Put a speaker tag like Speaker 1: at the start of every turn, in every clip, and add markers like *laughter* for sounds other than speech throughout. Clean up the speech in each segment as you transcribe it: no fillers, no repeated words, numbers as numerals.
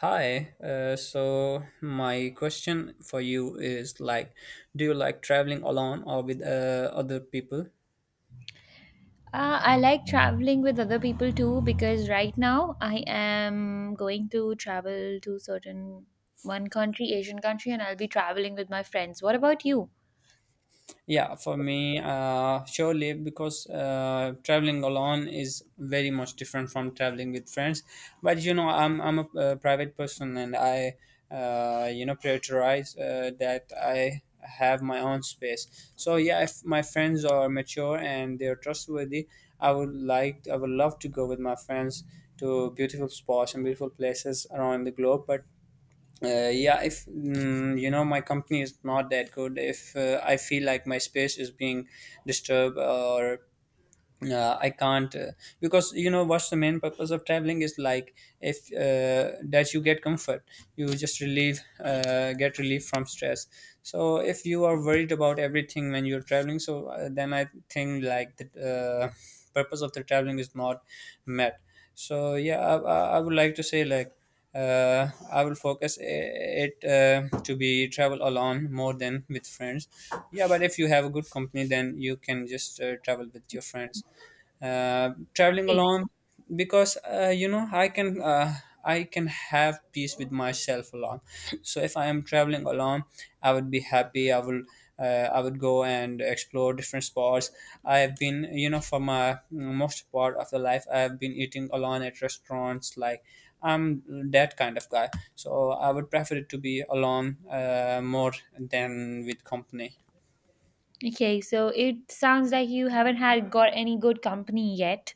Speaker 1: Hi, so my question for you is like, do you like traveling alone or with other people?
Speaker 2: I like traveling with other people too because right now I am going to travel to certain one country, Asian country, and I'll be traveling with my friends. What about you?
Speaker 1: Yeah, for me, surely because traveling alone is very much different from traveling with friends. But I'm a private person, and I prioritize that I have my own space. So yeah, if my friends are mature and they're trustworthy, I would love to go with my friends to beautiful spots and beautiful places around the globe. But yeah, if my company is not that good, if I feel like my space is being disturbed or I can't, because you know what's the main purpose of traveling is like if that you get comfort, you just relieve, get relief from stress. So if you are worried about everything when you're traveling, so then I think like the purpose of the traveling is not met. So yeah, I would like to say like I will focus it to be travel alone more than with friends. Yeah, but if you have a good company, then you can just travel with your friends traveling
Speaker 2: Exactly.
Speaker 1: alone because I can have peace with myself alone. *sniffs* So if I am traveling alone, I would be happy. I would go and explore different spots. I have been you know For my most part of the life, I have been eating alone at restaurants like I'm that kind of guy. So I would prefer to be alone more than with company.
Speaker 2: Okay, so it sounds like you haven't had got any good company yet,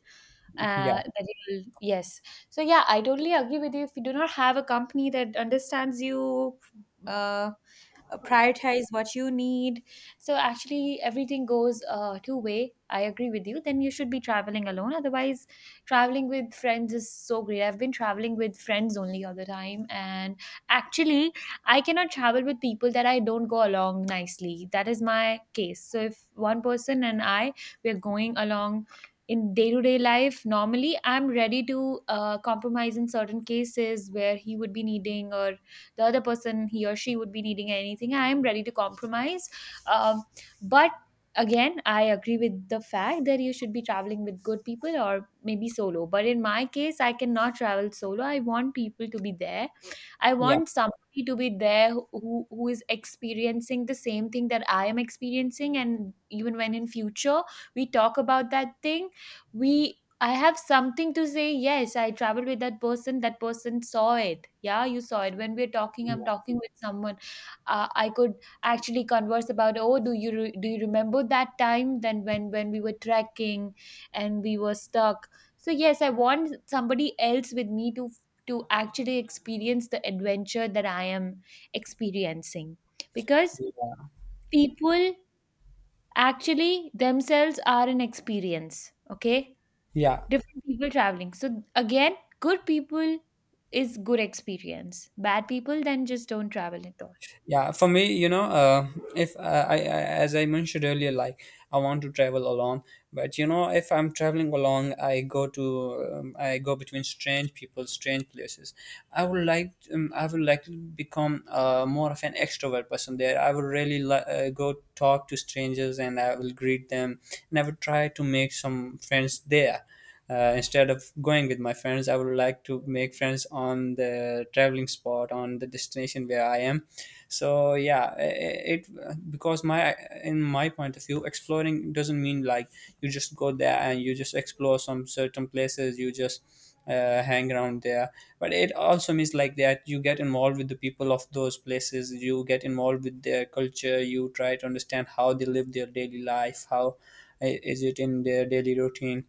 Speaker 1: Yeah,
Speaker 2: that you'll, yes. So yeah, I totally agree with you. If you do not have a company that understands you, uh, prioritize what you need, so actually everything goes two way. I agree with you, then you should be traveling alone. Otherwise, traveling with friends is so great. I've been traveling with friends only all the time, and actually I cannot travel with people that I don't go along nicely. That is my case. So if one person and I, we're going along in day-to-day life normally, I'm ready to compromise in certain cases where he would be needing, or the other person, he or she, would be needing anything, I am ready to compromise. um, but again, I agree with the fact that you should be traveling with good people or maybe solo, but in my case I cannot travel solo. I want people to be there. I
Speaker 1: yeah,
Speaker 2: want somebody to be there who who is experiencing the same thing that I am experiencing. And even when in future we talk about that thing, we— I have something to say. Yes, I traveled with that person. That person saw it. Yeah, you saw it. When we're talking, I'm
Speaker 1: yeah,
Speaker 2: talking with someone. I could actually converse about. Oh, do you remember that time? Then when we were trekking, and we were stuck. So yes, I want somebody else with me to actually experience the adventure that I am experiencing, because people actually themselves are an experience. Okay,
Speaker 1: yeah.
Speaker 2: different people traveling. So again, good people is good experience. Bad people, then just don't travel at all.
Speaker 1: Yeah, for me, if as I mentioned earlier, like I want to travel alone. But if I'm traveling alone, I go between strange people, strange places. I would like to become more of an extrovert person there. I would really go talk to strangers, and I will greet them, and I would try to make some friends there, instead of going with my friends. I would like to make friends on the traveling spot, on the destination where I am. So yeah, it, because my in my point of view, exploring doesn't mean like you just go there and you just explore some certain places. You just hang around there, but it also means like that you get involved with the people of those places. You get involved with their culture. You try to understand how they live their daily life, how is it in their daily routine.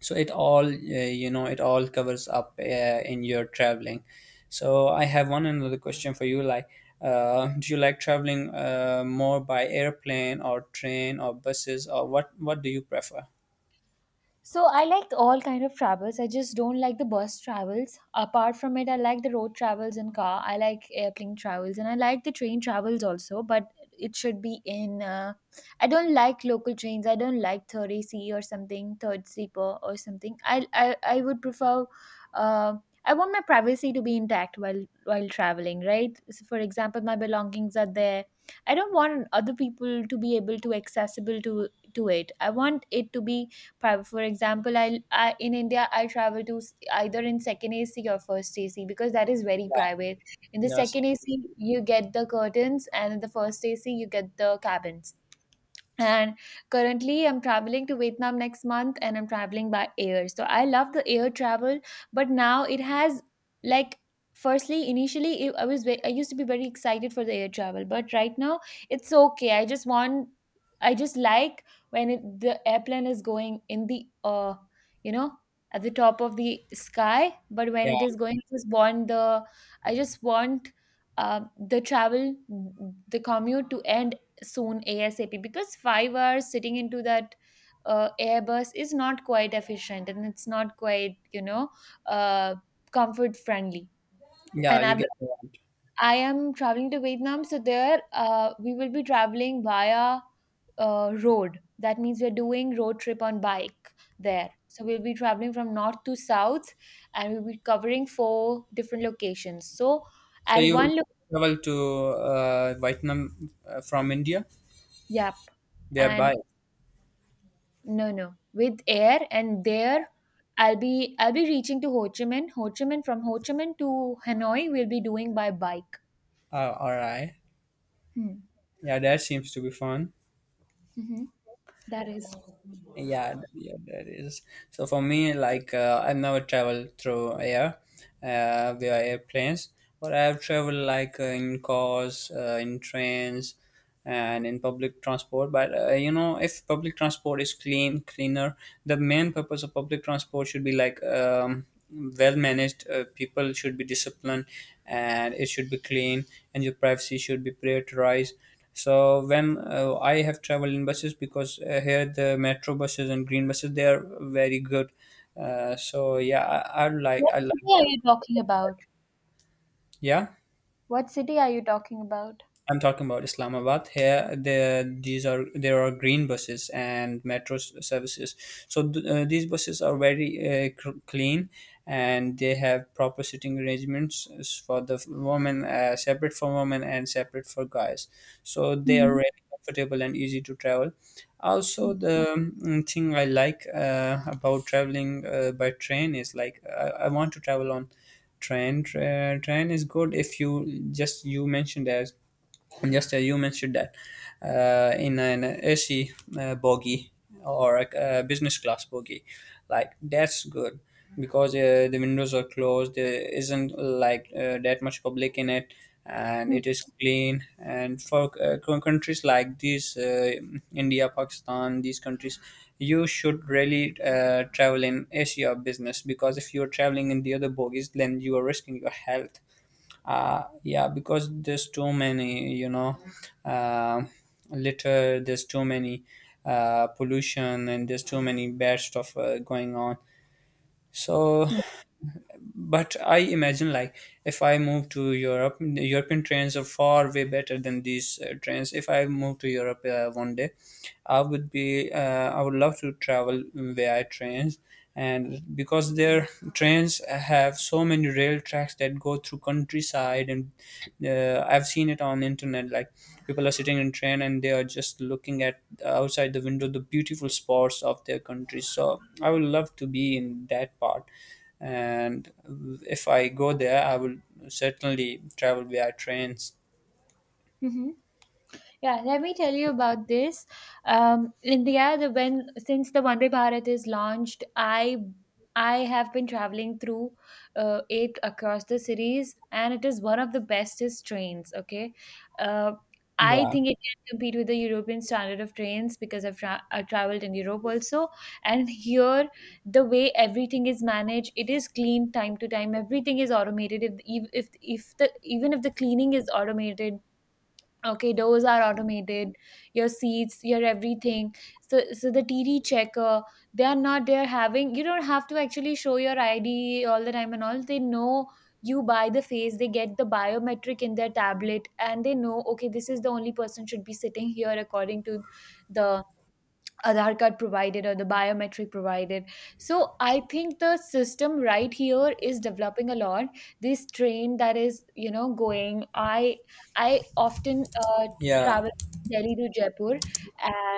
Speaker 1: So it all covers up in your traveling. So I have one another question for you, like do you like traveling more by airplane or train or buses, or what do you prefer?
Speaker 2: So I like all kind of travels. I just don't like the bus travels. Apart from it, I like the road travels in car. I like airplane travels and I like the train travels also. But it should be in. I don't like local trains. I don't like third AC or something, third sleeper or something. I would prefer. Uh, I want my privacy to be intact while traveling. Right. So for example, my belongings are there. I don't want other people to be able to accessible to it. I want it to be— For example, I in India I travel to either in second AC or first AC because that is very
Speaker 1: Yeah.
Speaker 2: private. In the
Speaker 1: Yeah.
Speaker 2: second
Speaker 1: So,
Speaker 2: AC you get the curtains, and in the first AC you get the cabins. And currently, I'm traveling to Vietnam next month and I'm traveling by air. So I love the air travel, but now it has, like, firstly initially I was I used to be very excited for the air travel, but right now it's okay. I just want— I just like when the airplane is going in the you know at the top of the sky. But when it is
Speaker 1: yeah,
Speaker 2: going, I just want the— I just want the travel, the commute, to end soon, ASAP, because 5 hours sitting into that Airbus is not quite efficient, and it's not quite, you know, uh, comfort friendly.
Speaker 1: yeah,
Speaker 2: And
Speaker 1: you get the one.
Speaker 2: I am traveling to Vietnam, so there we will be traveling via road. That means we're doing road trip on bike there. So we'll be traveling from north to south, and we'll be covering four different locations. So
Speaker 1: So
Speaker 2: at
Speaker 1: you
Speaker 2: one,
Speaker 1: travel to Vietnam from India,
Speaker 2: yep, and
Speaker 1: thereby.
Speaker 2: no, no. With air, and there I'll be— I'll be reaching to Ho Chi Minh. From Ho Chi Minh to Hanoi we'll be doing by bike.
Speaker 1: All right.
Speaker 2: Hmm.
Speaker 1: Yeah, that seems to be fun.
Speaker 2: Mm-hmm. That is.
Speaker 1: Yeah, yeah, that is. So for me, like I've never traveled through air, via airplanes, but I've traveled like in cars, in trains, and in public transport. But if public transport is clean, cleaner, the main purpose of public transport should be like well managed. People should be disciplined, and it should be clean, and your privacy should be prioritized. So when I have traveled in buses, because here the metro buses and green buses, they are very good. So yeah, I, I like
Speaker 2: What
Speaker 1: I
Speaker 2: city
Speaker 1: like
Speaker 2: are
Speaker 1: them.
Speaker 2: you talking about?
Speaker 1: Yeah.
Speaker 2: What city are you talking about?
Speaker 1: I'm talking about Islamabad. Here, there are green buses and metro services. So these buses are very clean, and they have proper sitting arrangements for the women, separate for women and separate for guys. So they are
Speaker 2: Mm-hmm.
Speaker 1: really comfortable and easy to travel. Also, the thing I like about traveling by train is like I want to travel on train. Train is good if you just you mentioned as and just as you mentioned that in an AC bogie or a business class bogie, like that's good because the windows are closed. There isn't like that much public in it, and
Speaker 2: Mm-hmm.
Speaker 1: it is clean. And for countries like these, India, Pakistan, these countries, you should really travel in AC or business because if you are traveling in the other bogies, then you are risking your health. Yeah, because there's too many, uh, litter, there's too many pollution, and there's too many bad stuff going on. So, but I imagine like, if I move to Europe, the European trains are far way better than these trains. If I move to Europe one day, I would be uh, I would love to travel via trains, and because their trains have so many rail tracks that go through countryside, and I've seen it on internet. Like, people are sitting in train and they are just looking at outside the window, the beautiful spots of their country. So I would love to be in that part, and if I go there, I will certainly travel via trains.
Speaker 2: Mm-hmm. Yeah, let me tell you about this. India, the when since the Vande Bharat is launched, I have been traveling through it across the cities, and it is one of the bestest trains. Okay, uh, I
Speaker 1: Yeah.
Speaker 2: think it can compete with the European standard of trains, because I've, I traveled in Europe also, and here the way everything is managed, it is clean time to time. Everything is automated. If if the even if the cleaning is automated. Okay, doors are automated, your seats, your everything. So the TD checker, they are not there having— you don't have to actually show your ID all the time and all. They know you by the face, they get the biometric in their tablet, and they know, okay, this is the only person should be sitting here according to the Aadhaar card provided or the biometric provided. So I think the system right here is developing a lot. This train that is, you know, going. I often
Speaker 1: Yeah,
Speaker 2: travel Delhi to Jaipur,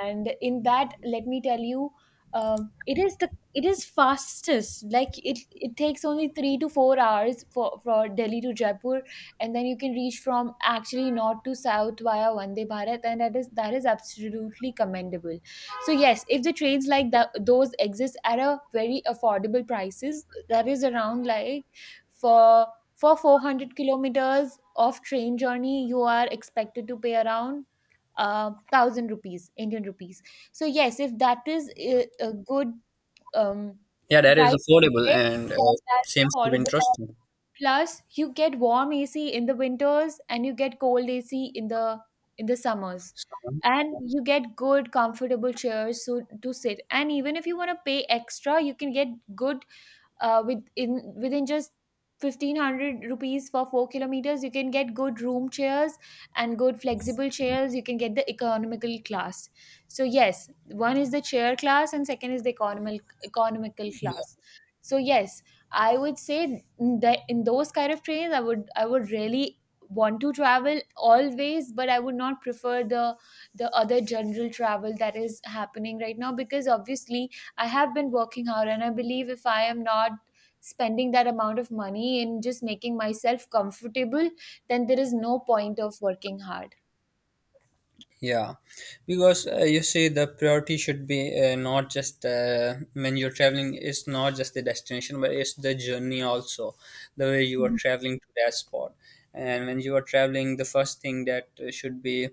Speaker 2: and in that, let me tell you, um, it is the it is fastest. Like it takes only 3 to 4 hours for Delhi to Jaipur, and then you can reach from actually north to south via Vande Bharat, and that is absolutely commendable. So yes, if the trades like that those exist at a very affordable prices, that is around like for for 400 kilometers of train journey, you are expected to pay around thousand rupees, Indian rupees. So yes, if that is a good um,
Speaker 1: yeah, that is
Speaker 2: price,
Speaker 1: affordable and
Speaker 2: that is
Speaker 1: seems to be
Speaker 2: affordable.
Speaker 1: interesting.
Speaker 2: Plus, you get warm AC in the winters and you get cold AC in the summers.
Speaker 1: So,
Speaker 2: And you get good comfortable chairs so, to sit. And even if you want to pay extra, you can get good within just 1500 rupees for 4 kilometers you can get good room chairs and good flexible chairs. You can get the economical class. So yes, one is the chair class and second is the economical, economical class. So yes, I would say that in those kind of trains I would— I would really want to travel always. But I would not prefer the— the other general travel that is happening right now, because obviously I have been working hard, and I believe if I am not spending that amount of money in just making myself comfortable, then there is no point of working hard.
Speaker 1: yeah, because you see the priority should be not just when you're traveling. It's not just the destination, but it's the journey also, the way you are
Speaker 2: Mhm.
Speaker 1: traveling to that spot. And when you are traveling, the first thing that should be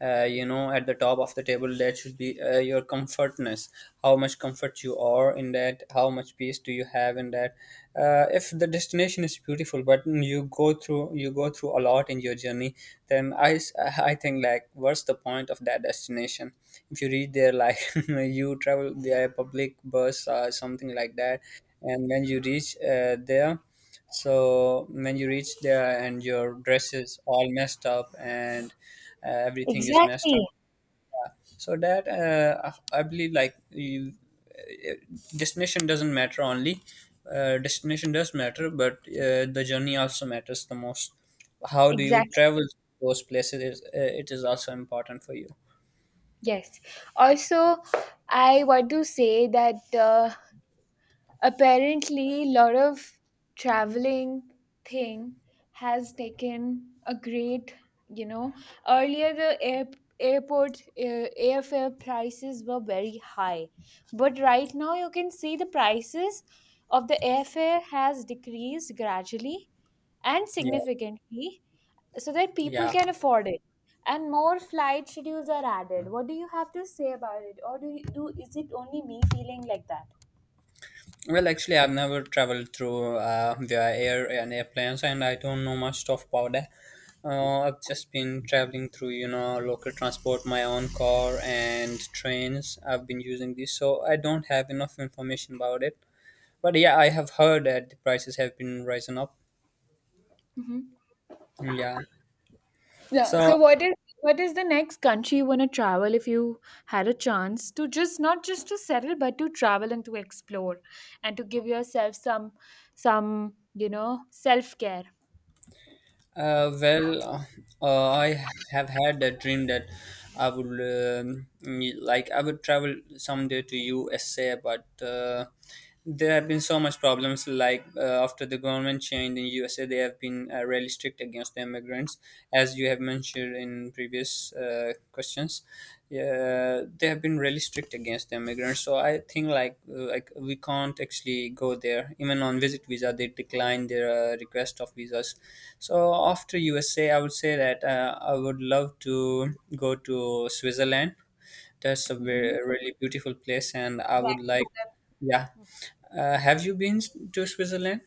Speaker 1: at the top of the table, that should be your comfortness, how much comfort you are in that, how much peace do you have in that. If the destination is beautiful, but you go through a lot in your journey, then I think like what's the point of that destination if you reach there like *laughs* you travel via public bus or something like that. And when you reach there, so when you reach there and your dress is all messed up, and everything is messed
Speaker 2: Exactly.
Speaker 1: up, so that I believe like, you, uh, destination doesn't matter only. Destination does matter, but the journey also matters the most. How do you
Speaker 2: Exactly.
Speaker 1: travel those places? It is also important for you.
Speaker 2: Yes. Also, I want to say that apparently a lot of traveling thing has taken a great, you know, earlier airport airfare prices were very high, but right now you can see the prices of the airfare has decreased gradually and
Speaker 1: Yeah,
Speaker 2: significantly, so that people
Speaker 1: yeah.
Speaker 2: can afford it, and more flight schedules are added. What do you have to say about it, or do you do— is it only me feeling like that?
Speaker 1: Well, actually, I've never traveled through via air and airplanes, and I don't know much stuff about that. I've just been traveling through, local transport, my own car and trains. I've been using this, so I don't have enough information about it. But yeah, I have heard that the prices have been rising up.
Speaker 2: Hmm.
Speaker 1: Yeah.
Speaker 2: Yeah.
Speaker 1: So,
Speaker 2: So what is— what is the next country you want to travel, if you had a chance to just not just to settle but to travel and to explore and to give yourself some— some, you know, self-care.
Speaker 1: uh, well, uh, I have had a dream that I would like I would travel someday to USA, but. There have been so much problems. Like after the government changed in USA, they have been really strict against the immigrants, as you have mentioned in previous questions. Yeah, they have been really strict against the immigrants. So I think like we can't actually go there. Even on visit visa, they declined their request of visas. So after USA, I would say that I would love to go to Switzerland. That's a very,
Speaker 2: Mhm.
Speaker 1: really beautiful place, and I would
Speaker 2: Exactly.
Speaker 1: like. Yeah, have you been to Switzerland?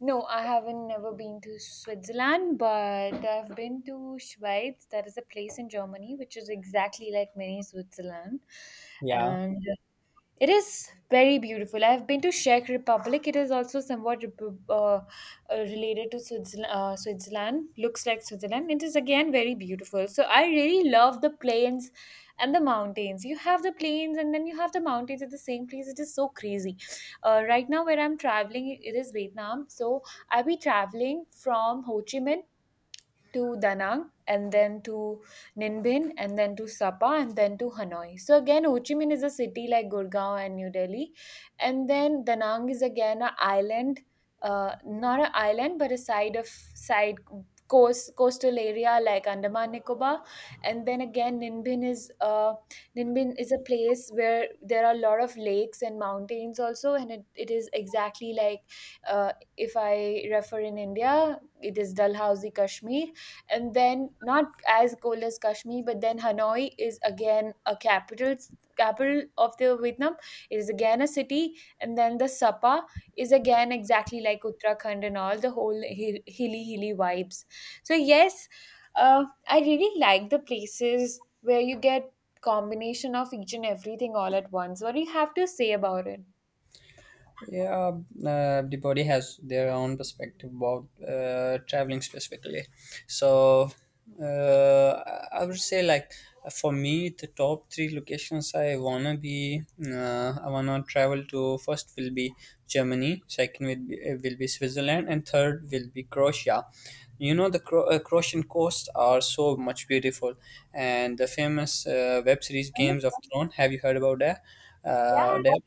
Speaker 2: No, I haven't never been to Switzerland, but I've been to Schweiz. That is a place in Germany which is exactly like mini Switzerland.
Speaker 1: Yeah.
Speaker 2: And it is very beautiful. I've been to Czech Republic. It is also somewhat related to Switzerland, Looks like Switzerland. It is again very beautiful. So I really love the plains and the mountains. You have the plains and then you have the mountains at the same place. It is so crazy. Right now, where I'm traveling, it is Vietnam. So I'll be traveling from Ho Chi Minh to Danang and then to Ninbin and then to Sapa and then to Hanoi. So again, Ho Chi Minh is a city like Gurgaon and New Delhi, and then Danang is again an island, not an island but a side of side coast coastal area like Andaman Nicobar, and then again Ninbin is a place where there are a lot of lakes and mountains also, and it is exactly like uh, if I refer in India, it is Dalhousie, Kashmir, and then not as cold as Kashmir. But then Hanoi is again a capital of the Vietnam. It is again a city, and then the Sapa is again exactly like Uttarakhand and all the whole hilly vibes. So yes, I really like the places where you get combination of each and everything all at once. What do you have to say about it?
Speaker 1: Yeah, everybody has their own perspective about traveling specifically. So, I would say like, for me, the top three locations I wanna travel to. First will be Germany, second will be Switzerland, and third will be Croatia. You know the Croatian coasts are so much beautiful, and the famous web series Games of Thrones. Have you heard about that? That?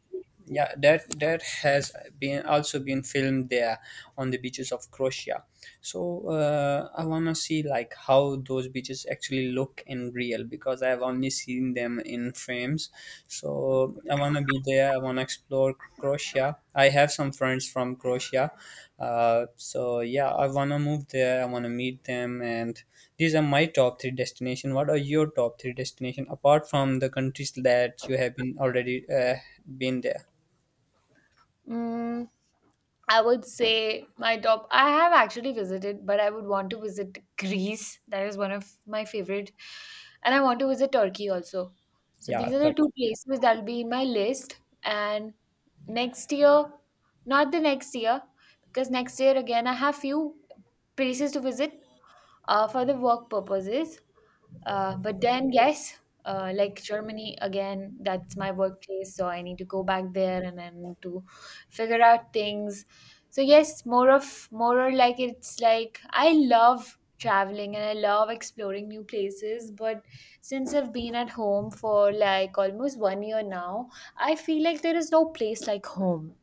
Speaker 1: Yeah, that has been also been filmed there on the beaches of Croatia. So I wanna see like how those beaches actually look in real, because I've only seen them in frames. So I wanna be there. I wanna explore Croatia. I have some friends from Croatia. Uh, so yeah, I want to move there. I want to meet them. And these are my top three destination. What are your top three destination apart from the countries that you have been already been there?
Speaker 2: Mm. I would say my top. I have actually visited, but I would want to visit Greece. That is one of my favorite, and I want to visit Turkey also. So these
Speaker 1: Yeah.
Speaker 2: are the two places that'll be in my list. And next year— not the next year, because next year again I have few places to visit for the work purposes. But then, yes, like Germany again, that's my workplace, so I need to go back there and I need to figure out things. So yes, more of more or like it's like I love traveling and I love exploring new places, but since I've been at home for like almost one year now, I feel like there is no place like home.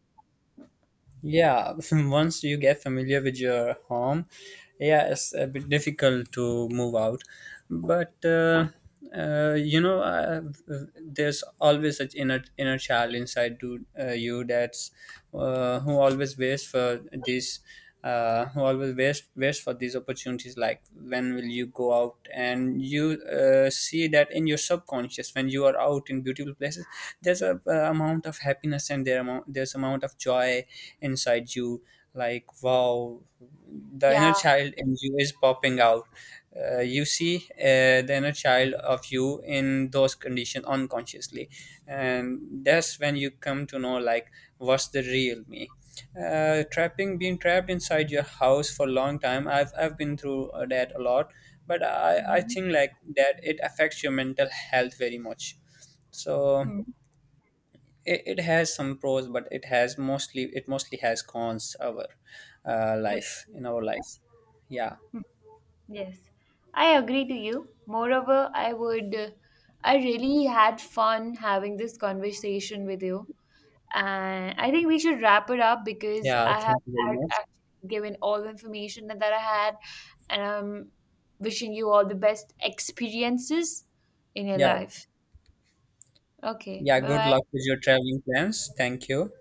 Speaker 1: Yeah, *laughs* once you get familiar with your home, yeah, it's a bit difficult to move out. But uh, you know, uh, there's always such inner child inside to you. That's who always waits for this, who always waits for these opportunities, like when will you go out. And you see that in your subconscious, when you are out in beautiful places, there's a amount of happiness, and there's amount of joy inside you, like wow, the inner
Speaker 2: Yeah.
Speaker 1: child in you is popping out. You see the inner child of you in those conditions unconsciously, and that's when you come to know like what's the real me. Trapping Being trapped inside your house for a long time, I've been through that a lot. But I
Speaker 2: Mhm.
Speaker 1: think like that it affects your mental health very much. So
Speaker 2: Hmm.
Speaker 1: it has some pros, but it mostly has cons, our
Speaker 2: Correct.
Speaker 1: life in our life. Yeah.
Speaker 2: Yes, I agree to you. Moreover, I would, I really had fun having this conversation with you. And I think we should wrap it up because
Speaker 1: Yeah,
Speaker 2: I have
Speaker 1: thank you very
Speaker 2: had
Speaker 1: much.
Speaker 2: actually given all the information that I had, and I'm wishing you all the best experiences in your
Speaker 1: Yeah.
Speaker 2: life. Okay,
Speaker 1: Yeah,
Speaker 2: bye
Speaker 1: good luck
Speaker 2: bye.
Speaker 1: with your traveling plans. Thank you.